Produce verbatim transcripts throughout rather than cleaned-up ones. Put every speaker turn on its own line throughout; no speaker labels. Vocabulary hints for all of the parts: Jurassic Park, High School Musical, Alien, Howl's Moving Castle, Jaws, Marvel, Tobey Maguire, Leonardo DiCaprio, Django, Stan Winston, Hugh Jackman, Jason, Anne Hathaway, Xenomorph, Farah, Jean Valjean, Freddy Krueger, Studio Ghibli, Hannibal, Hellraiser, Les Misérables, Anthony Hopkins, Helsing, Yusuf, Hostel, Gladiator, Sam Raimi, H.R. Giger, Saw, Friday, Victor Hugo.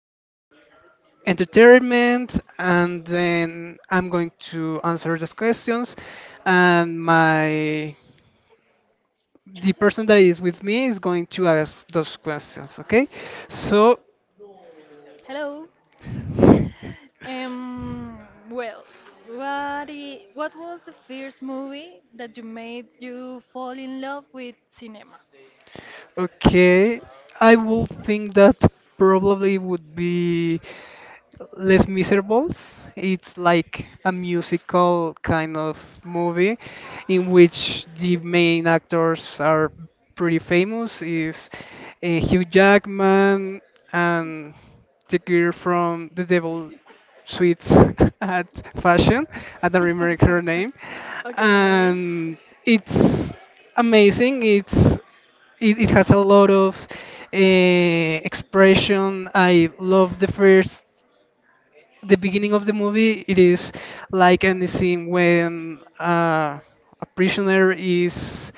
eh, entertainment, and then I'm going to answer those questions. And my The person that is with me is going to ask those questions. Okay, so
Hello. Um. Well, what i what was the first movie that you made you fall in love with cinema?
okay, I will think that probably would be. Les Miserables. It's like a musical kind of movie in which the main actors are pretty famous. Is uh, Hugh Jackman and the girl from The Devil Sweets at Fashion. I don't remember her name,
Okay.
and it's amazing. It's it, it has a lot of uh, expression. I love the first The beginning of the movie it is like in the scene when uh, a prisoner is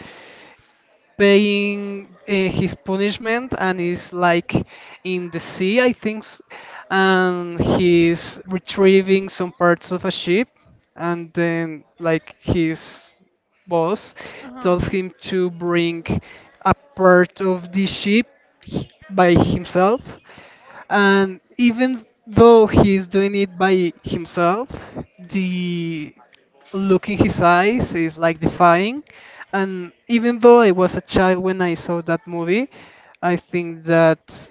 paying uh, his punishment and is like in the sea I think s- and he's retrieving some parts of a ship, and then like his boss
Uh
tells
huh.
him to bring a part of the ship h- by himself, and even though he's doing it by himself, the look in his eyes is like defying. And even though I was a child when I saw that movie, I think that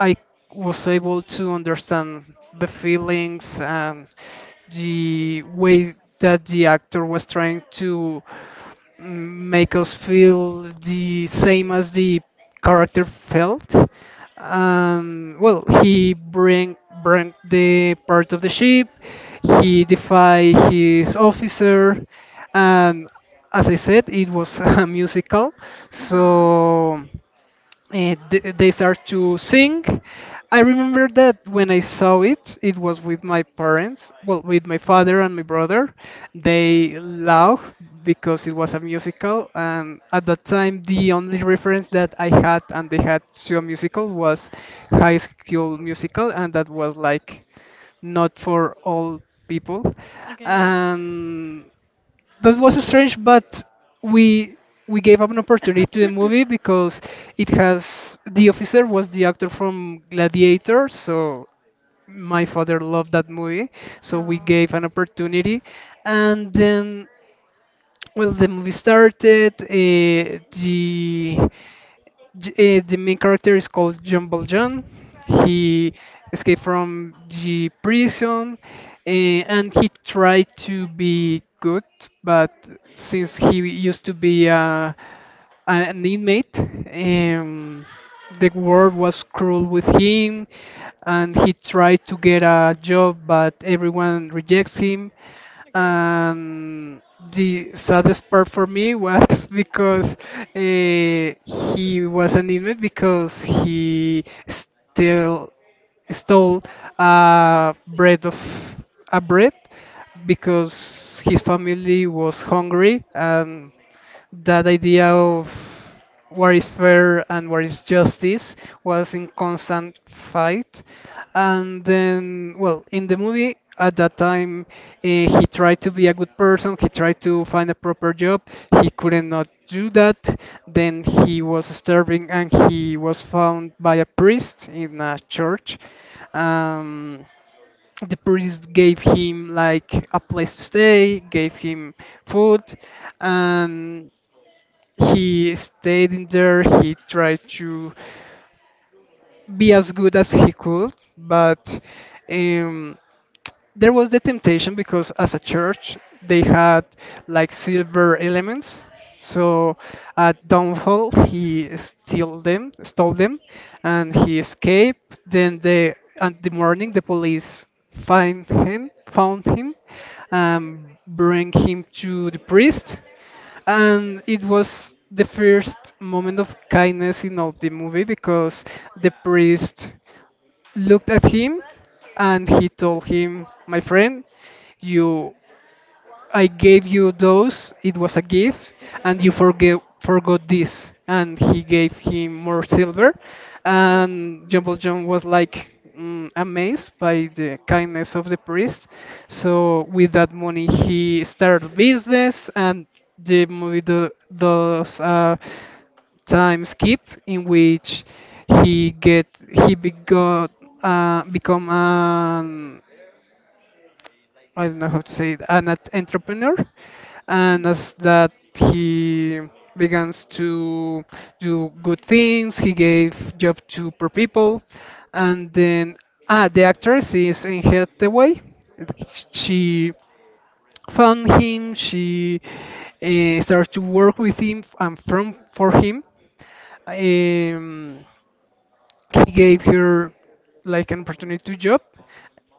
I was able to understand the feelings and the way that the actor was trying to make us feel the same as the character felt. Um, well, he bring bring the part of the ship. He defy his officer, and as I said, it was a musical,
Uh huh.
so uh, th- they start to sing. I remember that when I saw it, it was with my parents, well, with my father and my brother.
Okay.
They laughed because it was a musical, and at that time, the only reference that I had and they had to a musical was High School Musical, and that was like not for all people.
Okay.
And that was strange, but we we gave up an opportunity to the movie because it has the officer was the actor from Gladiator, so my father loved that movie, so we
No.
gave an opportunity, and then well the movie started. Uh, the J- uh, the main character is called John Valjean. He escaped from the prison, uh, and he tried to be good, but since he used to be uh, an inmate, um, the world was cruel with him and he tried to get a job, but everyone rejects him.
Okay.
And the saddest part for me was because uh, he was an inmate because he still stole a bread of a bread because his family was hungry, and that idea of what is fair and what is justice was in constant fight. And then, well, in the movie at that time, uh, he tried to be a good person, he tried to find a proper job, he couldn't not do that. Then he was starving and he was found by a priest in a church. Um, the priest gave him like a place to stay, gave him food, and he stayed in there. He tried to be as good as he could, but um, there was the temptation because as a church they had like silver elements. So at Downfall he steal them, stole them, and he escaped. Then the And the morning the police find him, found him, and bring him to the priest, and it was the first moment of kindness in all the movie because the priest looked at him and he told him, "My friend, you I gave you those, it was a gift, and you forgave, forgot this. And he gave him more silver. And Jumbo John was like mm, amazed by the kindness of the priest. So, with that money, he started business, and the movie do, does a time skip in which he get he begot uh, become an I don't know how to say it, an ent- entrepreneur, and as that he begins to do good things, he gave job to poor people, and then ah, the actress is in Hathaway. She found him, she uh, started to work with him and from for him. Um, he gave her like an opportunity to job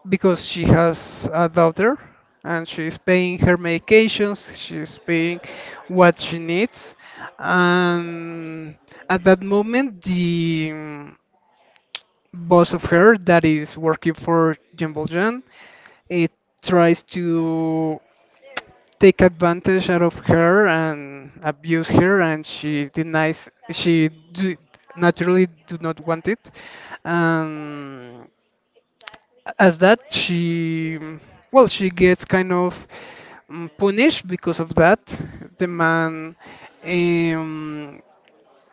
because she has a daughter and she's paying her medications, she's paying what she needs. And at that moment, the mm, boss of her that is working for Jimbo Jan, it tries to take advantage out of her and abuse her and she denies she do, naturally do not want it, um, as that she mm, well she gets kind of mm, punished because of that the man um,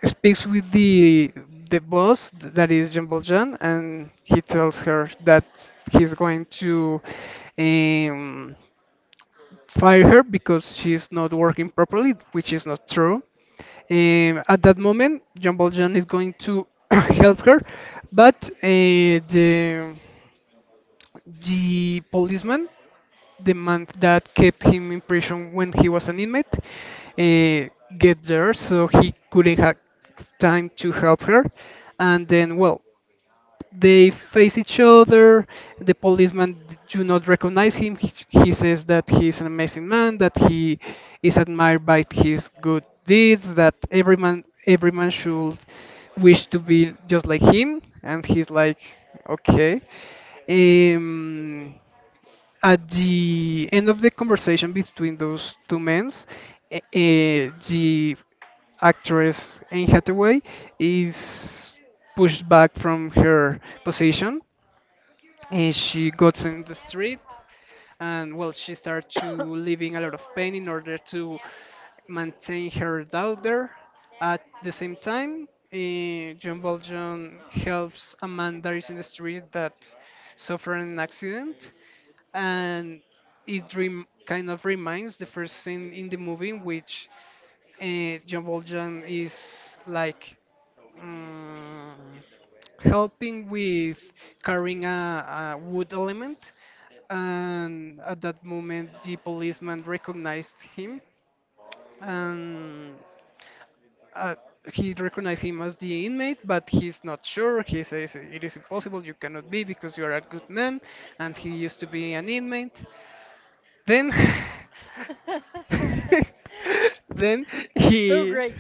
speaks with the the boss that is Jean Valjean and he tells her that he's going to um, fire her because she's not working properly, which is not true. Um, at that moment Jean Valjean is going to help her, but uh, the the policeman, the man that kept him in prison when he was an inmate, uh, get there, so he couldn't have time to help her. And then, well, they face each other. The policeman d- do not recognize him. He, he says that he is an amazing man, that he is admired by his good deeds, that every man every man should wish to be just like him. And he's like, okay. Um, at the end of the conversation between those two men, uh, the actress Anne Hathaway is pushed back from her position, and she gets in the street, and well, she starts to living a lot of pain in order to maintain her daughter. At the same time, eh, John Bolton helps a man that is in the street that suffered an accident, and it rem- kind of reminds the first scene in the movie in which uh, John Valjean is like mm, helping with carrying a, a wood element, and at that moment the policeman recognized him, and uh, he recognized him as the inmate, but he's not sure. He says it is impossible, you cannot be because you are a good man, and he used to be an inmate. Then then
That's too
he
great.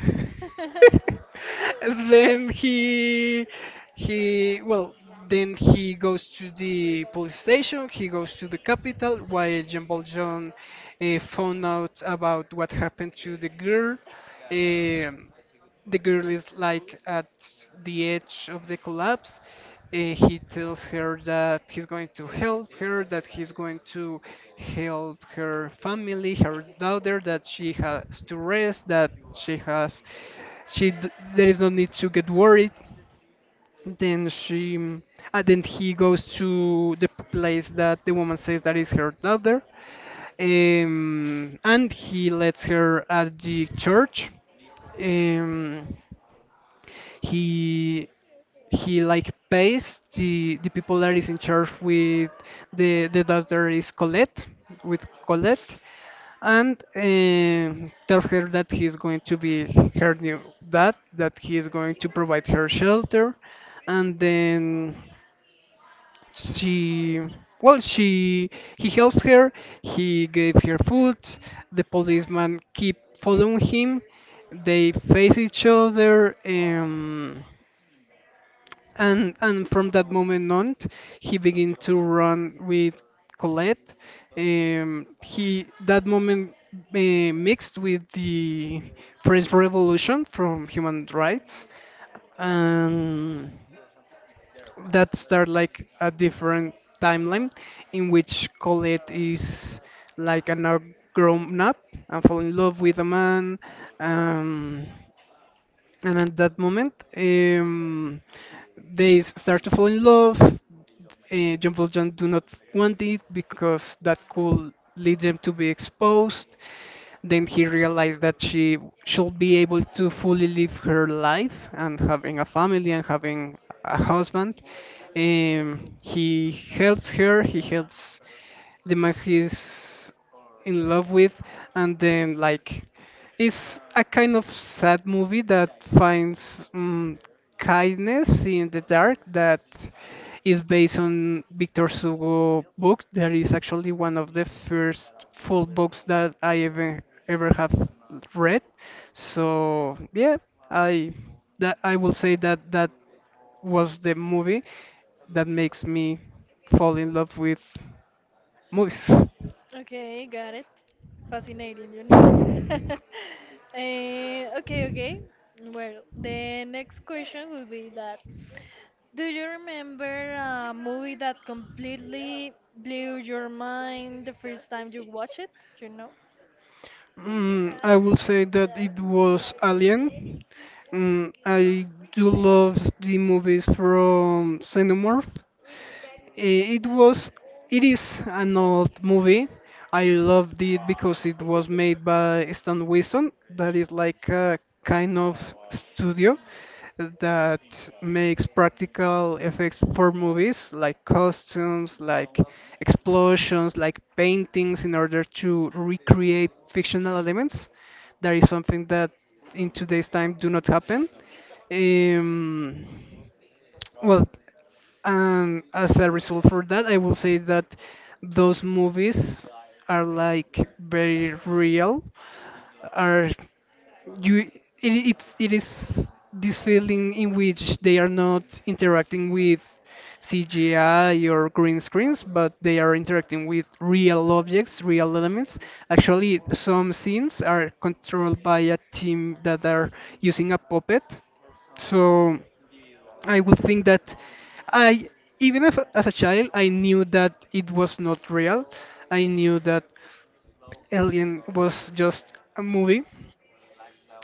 then he he well then he goes to the police station, he goes to the capital while jean valjean uh, found out about what happened to the girl. Um, the girl is like at the edge of the collapse. Uh, he tells her that he's going to help her, that he's going to help her family, her daughter, that she has to rest, that she has, she d- there is no need to get worried. Then she, and then he goes to the place that the woman says that is her daughter, um, and he lets her at the church. Um, he he like pays the the people that is in charge with the the daughter is Colette with Colette, and um tells her that he's going to be her new dad, that he is going to provide her shelter, and then she well she he helps her, he gave her food. The policeman keep following him, they face each other, um and and from that moment on, he began to run with Colette. Um, he that moment uh, mixed with the French Revolution from human rights, and that start like a different timeline in which Colette is like an now grown up and fall in love with a man. Um, and at that moment, um, they s- start to fall in love. Uh, Jumbo John Valjean do not want it because that could lead them to be exposed. Then he realized that she should be able to fully live her life and having a family and having a husband. Um, he helps her. He helps the man he's in love with, and then like it's a kind of sad movie that finds um, kindness in the dark, that is based on Victor Hugo book that is actually one of the first full books that I ever ever have read, so yeah. I that I will say that that was the movie that makes me fall in love with Mus.
Okay, got it. Fascinating, you know. Eh, okay, okay. Well, the next question will be that do you remember a movie that completely blew your mind the first time you watched it? You know?
Mm, I will say that it was Alien. Mm, I do love the movies from Xenomorph. Eh, It was, it is an old movie. I loved it because it was made by Stan Winston. That is like a kind of studio that makes practical effects for movies like costumes, like explosions, like paintings in order to recreate fictional elements. That is something that in today's time do not happen. Um, well, and as a result for that, I will say that those movies are like very real, are you it, it's it is this feeling in which they are not interacting with C G I or green screens, but they are interacting with real objects, real elements. Actually, some scenes are controlled by a team that are using a puppet. So I would think that I, even if as a child, I knew that it was not real. I knew that Alien was just a movie.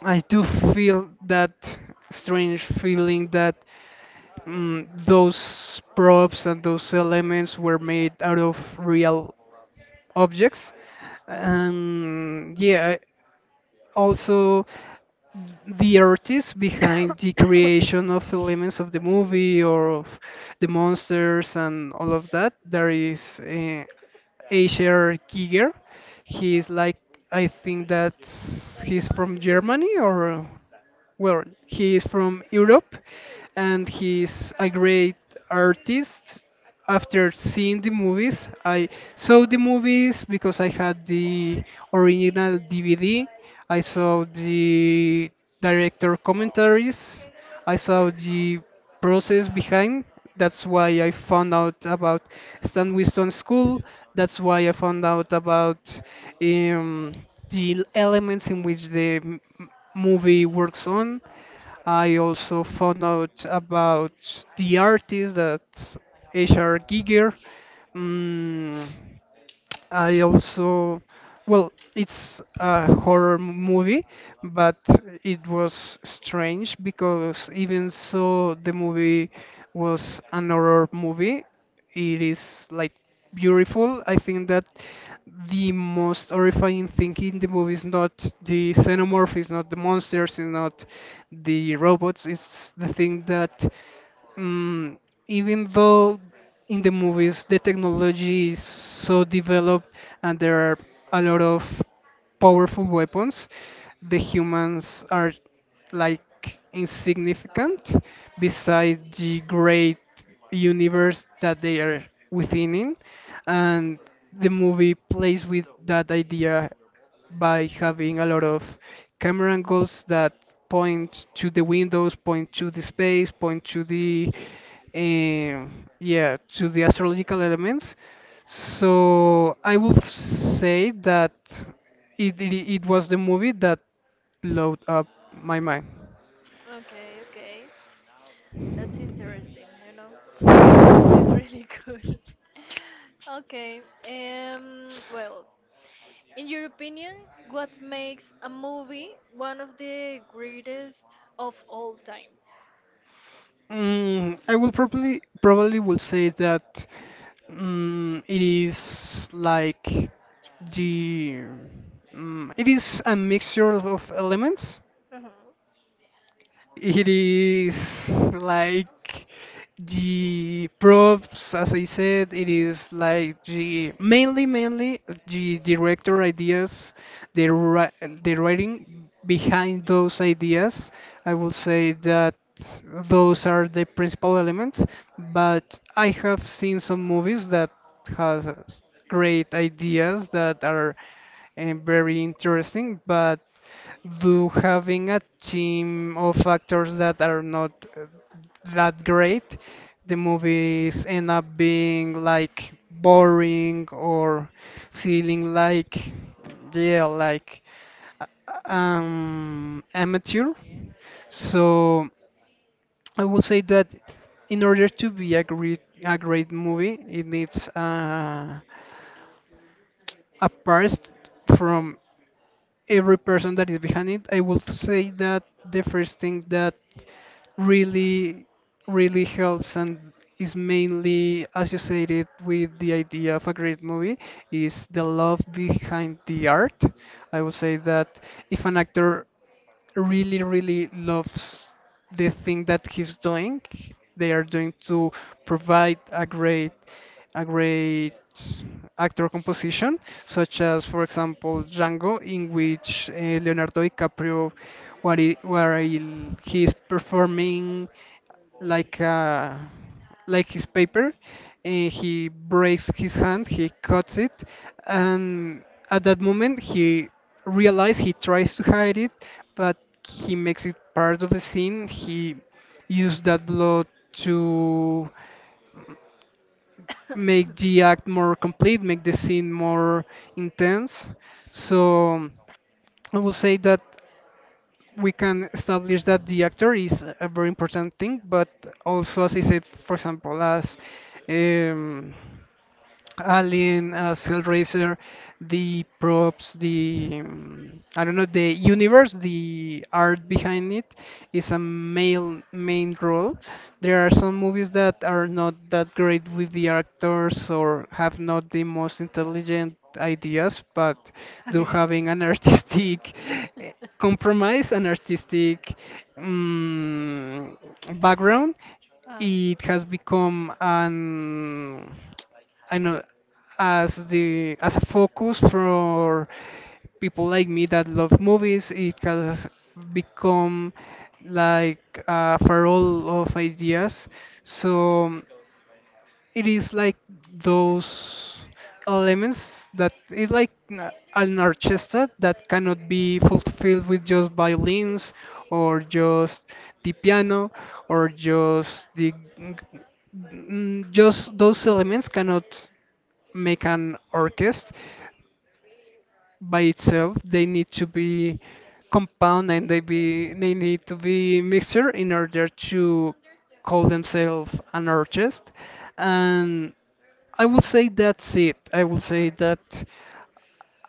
I do feel that strange feeling that mm, those props and those elements were made out of real objects. And yeah, also the artists behind the creation of elements of the movie or of the monsters and all of that, there is uh, Asher Giger. He's like, I think that he's from Germany or, well, he is from Europe and he's a great artist. After seeing the movies, I saw the movies because I had the original D V D. I saw the director commentaries. I saw the process behind. That's why I found out about Stan Winston School. That's why I found out about um, the elements in which the m- movie works on. I also found out about the artist that H R. Giger. Mm, I also, well, it's a horror m- movie, but it was strange because even so, the movie was an horror movie. It is like beautiful. I think that the most horrifying thing in the movie is not the xenomorph, is not the monsters, is not the robots. It's the thing that, um, even though in the movies the technology is so developed and there are a lot of powerful weapons the humans are like insignificant beside the great universe that they are within in and the movie plays with that idea by having a lot of camera angles that point to the windows, point to the space, point to the um, yeah, to the astrological elements. So I will say that it, it it was the movie that blew up my mind.
Okay, okay. That's interesting, you know. It's really cool. Okay. Um well, in your opinion, what makes a movie one of the greatest of all time?
Mm, I will probably probably will say that mm, it is like the mm, it is a mixture of elements.
Mhm.
It is like the props, as I said, it is like the mainly, mainly the director ideas, the ri- the writing behind those ideas. I will say that those are the principal elements, but I have seen some movies that has great ideas that are uh, very interesting, but do having a team of actors that are not uh, that great, the movies end up being like boring or feeling like, yeah, like uh, um, amateur. So I would say that in order to be a great a great movie, it needs uh, a past from every person that is behind it. I would say that the first thing that really, really helps and is mainly associated with the idea of a great movie is the love behind the art. I would say that if an actor really, really loves the thing that he's doing, they are going to provide a great a great actor composition, such as, for example, Django, in which uh, Leonardo DiCaprio, where, he, where he, he's performing like a, like his paper, and he breaks his hand, he cuts it, and at that moment he realizes he tries to hide it, but he makes it part of the scene. He used that blood to make the act more complete, make the scene more intense. So I will say that we can establish that the actor is a very important thing, but also, as I said, for example, as um, Alien, uh, Hellraiser, the props, the um, I don't know, the universe, the art behind it is a male main role. There are some movies that are not that great with the actors or have not the most intelligent ideas, but do
Okay.
having an artistic eh, compromise, an artistic um, background.
Ah,
It has become an I know as the as a focus for people like me that love movies. It has become like a farol of ideas. So it is like those elements that is like n- an orchestra that cannot be fulfilled with just violins or just the piano or just the g- g- mm, just those elements cannot make an orchestra by itself. They need to be compound and they be they need to be mixture in order to call themselves an artist. And I will say that's it. I will say that.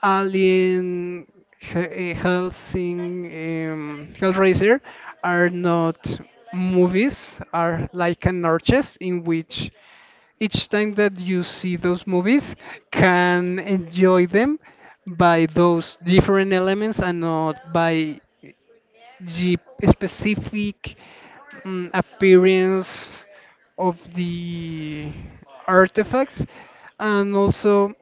Alien, He- eh, Helsing, um, Hellraiser are not movies, are like an orchestra in which each time that you see those movies can enjoy them by those different elements and not by the specific mm, appearance of the artifacts and also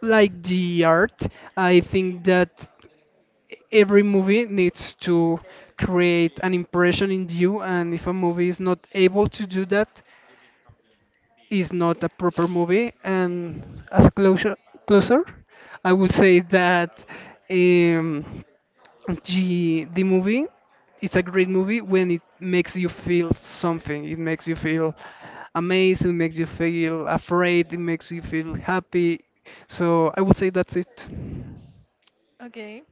like the art. I think that every movie needs to create an impression in you, and if a movie is not able to do that, is not a proper movie. And as a closure, closer, I would say that um, the the movie it's a great movie when it makes you feel something. It makes you feel amazed. It makes you feel afraid. It makes you feel happy. So I would say that's it.
okay.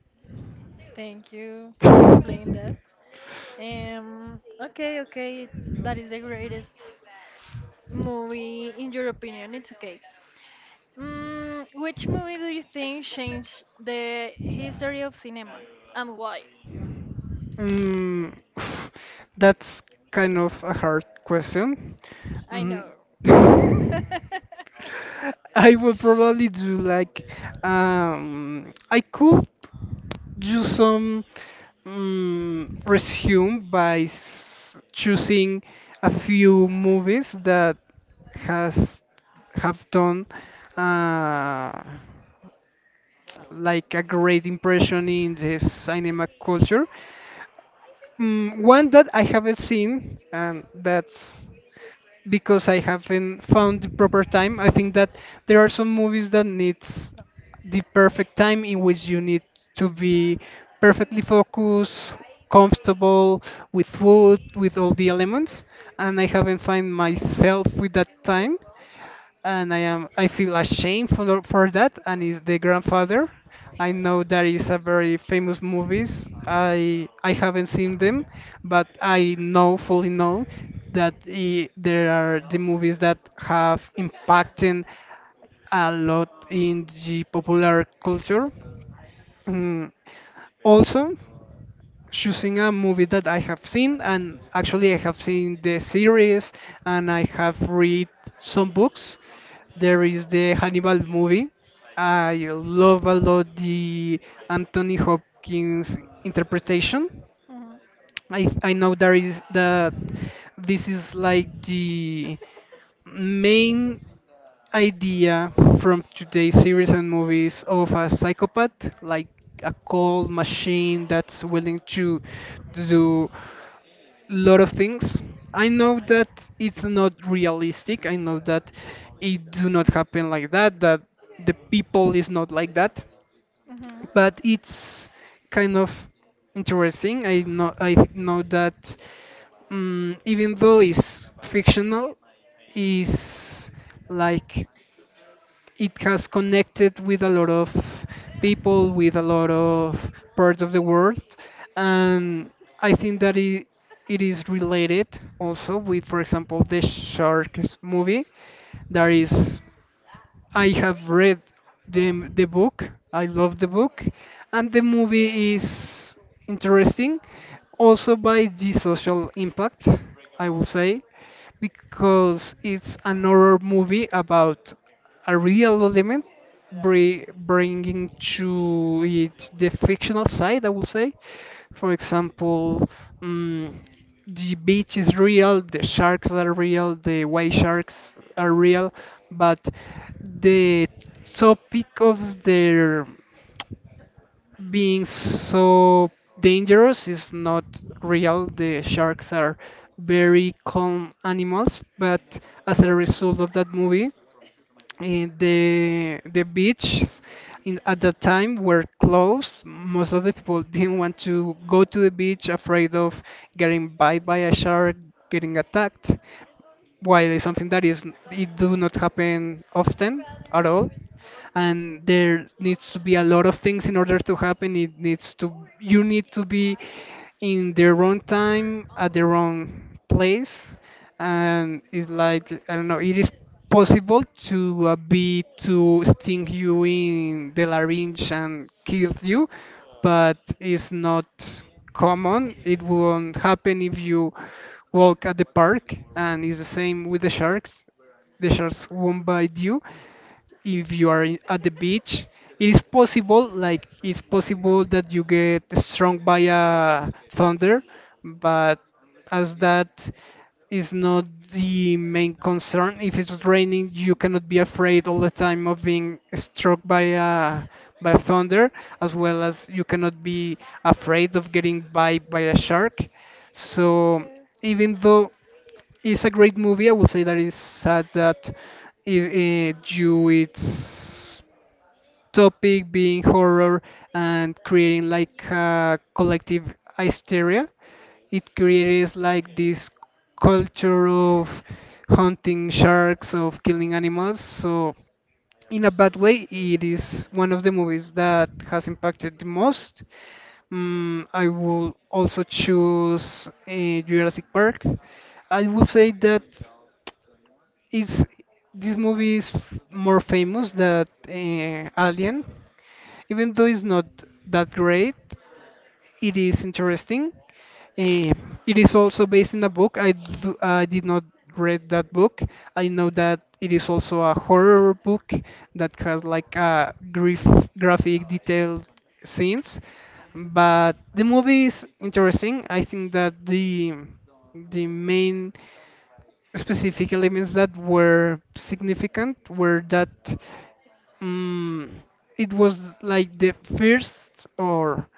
Thank you for explaining that. Um. Okay. Okay. That is the greatest movie in your opinion. It's okay. Mm, which movie do you think changed the history of cinema and why?
Mm, that's kind of a hard question.
I know.
Mm, I will probably do like um, I could do some mm, resume by s- choosing a few movies that has have done uh, like a great impression in the cinema culture. Mm, one that I haven't seen, and that's because I haven't found the proper time. I think that there are some movies that needs the perfect time in which you need to be perfectly focused, comfortable with food, with all the elements, and I haven't find myself with that time and I am I feel ashamed for for that and it's The Grandfather. I know that is a very famous movies. I I haven't seen them, but I know fully know that I there are the movies that have impacted a lot in the popular culture. Mm, Also, choosing a movie that I have seen, and actually I have seen the series, and I have read some books. There is the Hannibal movie. I love a lot the Anthony Hopkins interpretation.
Mhm.
I I know there is that this is like the main idea from today's series and movies of a psychopath, like a cold machine that's willing to do lot of things. I know that it's not realistic. I know that it do not happen like that, that the people is not like that.
Mhm.
But it's kind of interesting. I know I th- know that um, even though it's fictional, is like it has connected with a lot of people, with a lot of parts of the world, and I think that it, it is related also with, for example, the Sharks movie. That is, I have read the the book. I love the book, and the movie is interesting, also by the social impact, I will say, because it's another movie about a real element bri- bringing to it the fictional side, I would say. For example, mm the beach is real, the sharks are real, the white sharks are real, but the topic of their being so dangerous is not real. The sharks are very calm animals, but as a result of that movie, eh, the the beaches in at that time were closed. Most of the people didn't want to go to the beach, afraid of getting bite by a shark, getting attacked. While it's something that is it do not happen often at all, and there needs to be a lot of things in order to happen it needs to you need to be in the wrong time at the wrong place. And it's like I don't know, it is possible to uh, be to sting you in the larynx and kill you, but it's not common, it won't happen if you walk at the park. And it's the same with the sharks, the sharks won't bite you if you are in- at the beach. It is possible, like it's possible that you get struck by a thunder, but as that is not the main concern. If it's raining, you cannot be afraid all the time of being struck by a by a thunder, as well as you cannot be afraid of getting bite by a shark. So
Okay.
even though it's a great movie. I would say that it's sad that it, due its topic being horror and creating like a collective hysteria, it creates like this culture of hunting sharks, of killing animals. So in a bad way, it is one of the movies that has impacted the most. Mm, I will also choose uh, Jurassic Park. I will say that is this movie is f- more famous than uh, Alien, even though it's not that great. It is interesting. Eh, it is also based in a book. I do, I did not read that book. I know that it is also a horror book that has like a grief, graphic detailed scenes, but the movie is interesting. I think that the the main specific elements that were significant were that mm it was like the first or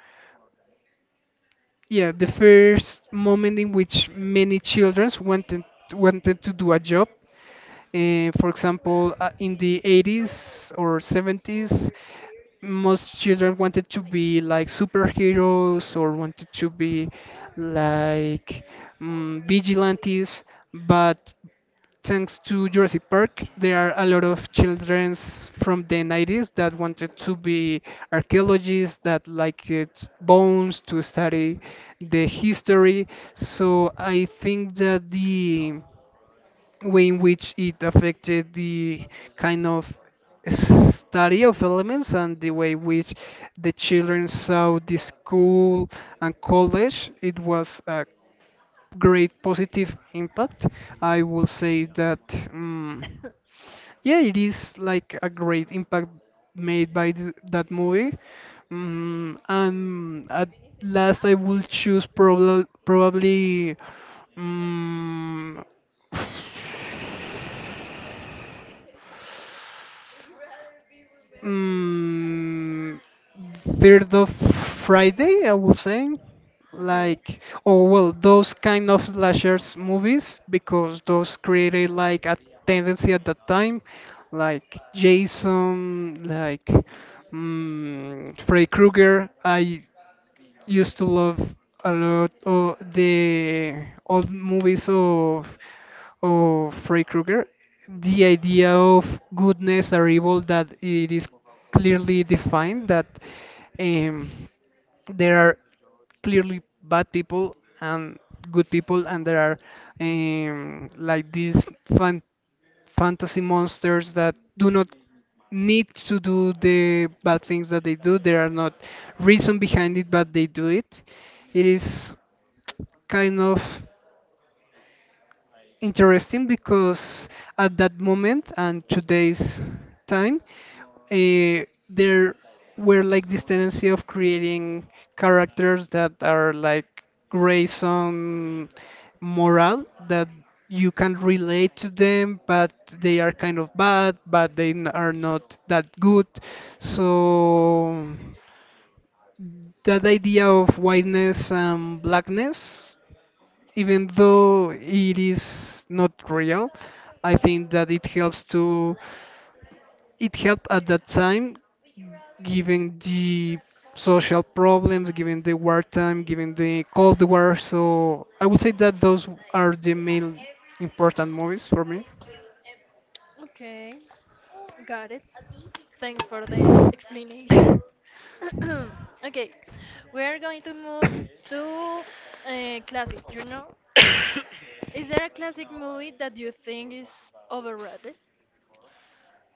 yeah, the first moment in which many children wanted wanted to do a job, uh, for example, uh, in the eighties or seventies, most children wanted to be like superheroes or wanted to be like mm vigilantes. But thanks to Jurassic Park, there are a lot of children from the nineties that wanted to be archaeologists, that like it bones to study the history. So I think that the way in which it affected the kind of study of elements and the way which the children saw the school and college, it was a great positive impact. I will say that, um, yeah, it is like a great impact made by th- that movie. Um, and at last, I will choose probably probably um, mm, third of Friday, I would say,
Okay.
like, oh well, those kind of slashers movies, because those created like a tendency at that time, like Jason, like, mm, Freddy Krueger. I used to love a lot of the old movies of of Freddy Krueger. The idea of goodness or evil, that it is clearly defined, that um, there are clearly bad people and good people, and there are, um, like, these fantasy monsters that do not need to do the bad things that they do. There are not reason behind it, but they do it. It is kind of interesting because at that moment and today's time, uh, there were like this tendency of creating characters that are like grace on morale, that you can relate to them, but they are kind of bad, but they n- are not that good. So that idea of whiteness and blackness, even though it is not real, I think that it helps to it helped at that time, given the social problems, given the wartime, given the Cold War. So I would say that those are the main important movies for me.
Okay. Got it. Thanks for the explanation. Okay, we are going to move to uh, classic. You know, is there a classic movie that you think is overrated?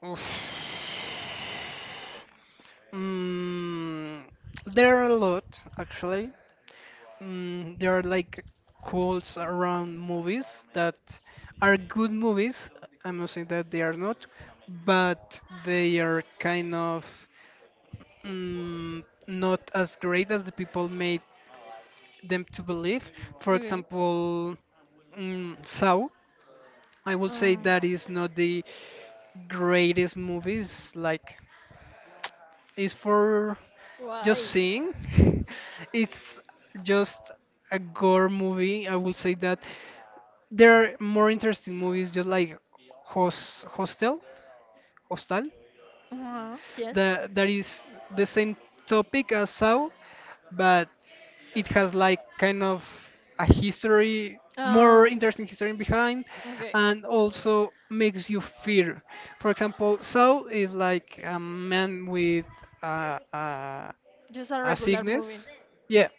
Oof. Mm, there are a lot actually. Mm, there are like quotes around movies that are good movies. I'm not saying that they are not, but they are kind of mm, not as great as the people made them to believe. For
Okay.
example, mm, Saw. I would say
Uh,
that is not the greatest movies, like is for just
why?
seeing. It's just a gore movie. I would say that there are more interesting movies, just like Hos Hostel, Hostel
Uh-huh. Yes.
that that is the same topic as Saw, but it has like kind of a history, more
Oh.
interesting history behind,
Okay.
and also makes you fear. For example, Saw is like a man with uh, uh,
Just a
a
regular movie.
sickness, yeah,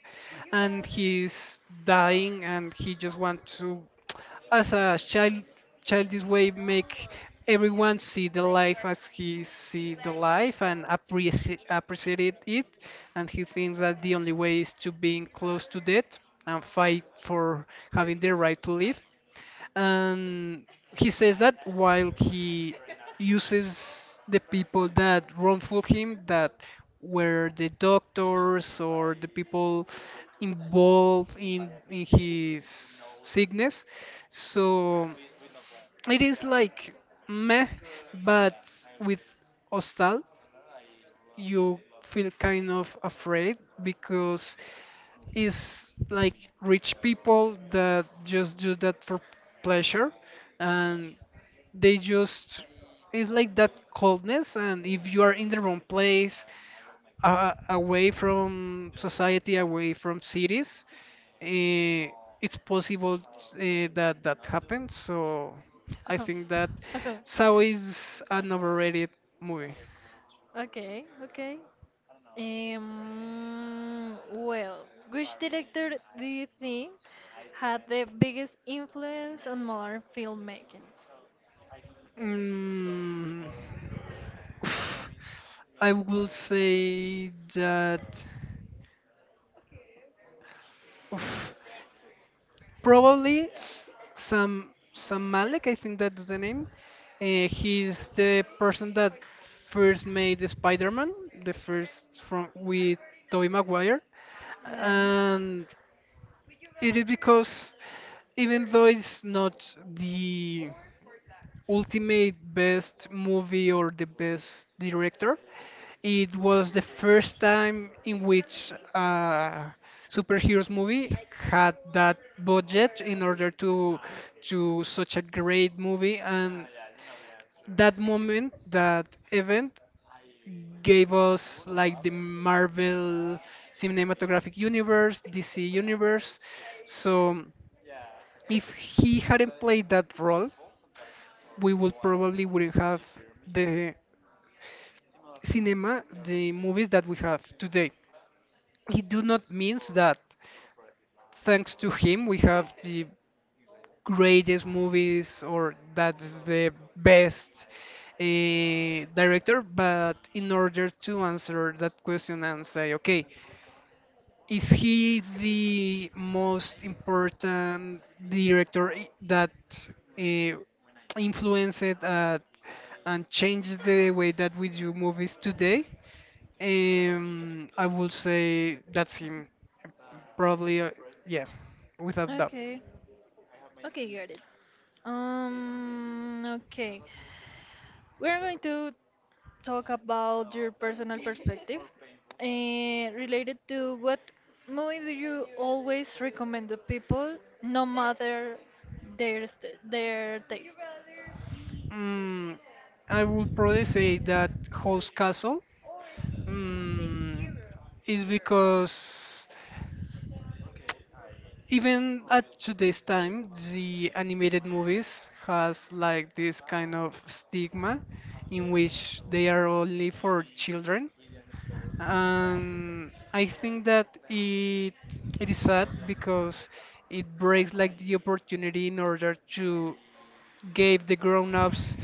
and he's dying, and he just wants to, as a child, childish way, make everyone see the life as he see the life and appreciate appreciate it, and he thinks that the only way is to being close to death and fight for having the right to live, and he says that while he uses the people that wrongful him, that were the doctors or the people involved in in his sickness. So it is like, meh. But with hostal, you feel kind of afraid because it's like rich people that just do that for pleasure, and they just, it's like that coldness, and if you are in the wrong place, uh, away from society, away from cities, uh, it's possible, uh, that that happens. So I think that Saw is an overrated movie.
Okay. Okay. Um. Well, which director do you think had the biggest influence on modern filmmaking?
mm, I will say that probably Sam Sam Malek, I think that's the name. Uh, he's the person that first made the Spider-Man, the first from with Tobey Maguire,
Yeah.
and it is because, even though it's not the ultimate best movie or the best director, it was the first time in which a superheroes movie had that budget in order to do such a great movie, and that moment, that event, gave us like the Marvel cinematographic universe, D C universe. So if he hadn't played that role, we would probably wouldn't have the cinema, the movies that we have today. It do not means that thanks to him we have the greatest movies, or that's the best, uh, director, but in order to answer that question and say, okay, is he the most important director i- that uh, influenced, uh, and changed the way that we do movies today? Um, I would say that's him, probably, uh, yeah, without doubt.
Okay. Okay, got it. Um, okay. We're going to talk about your personal perspective and related to what movie do you always recommend to people, no matter their st their taste.
Mm, I would probably say that House Castle, mm, is because, even at today's time, the animated movies has like this kind of stigma in which they are only for children. And I think that it it is sad because it breaks like the opportunity in order to give the grown-ups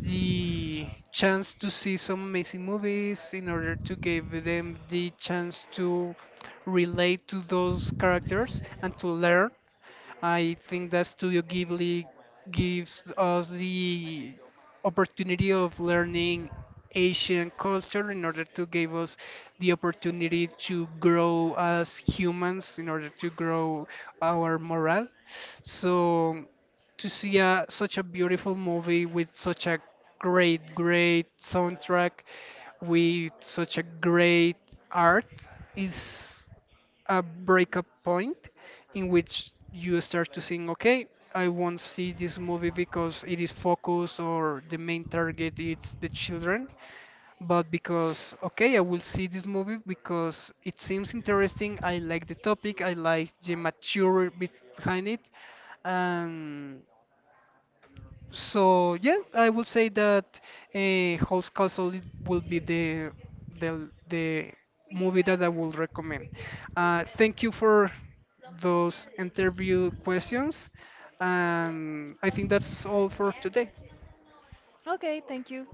the chance to see some amazing movies, in order to give them the chance to relate to those characters and to learn. I think that Studio Ghibli gives us the opportunity of learning Asian culture, in order to give us the opportunity to grow as humans, in order to grow our morale. So to see a, such a beautiful movie, with such a great, great soundtrack, with such a great art, is a breakup point in which you start to think, okay, I won't see this movie because it is focused, or the main target is the children, but because, okay, I will see this movie because it seems interesting. I like the topic, I like the mature bit behind it, and so yeah, I would say that, uh, House Castle it will be the the the movie that I will recommend. Uh, thank you for those interview questions, and I think that's all for today.
Okay, thank you.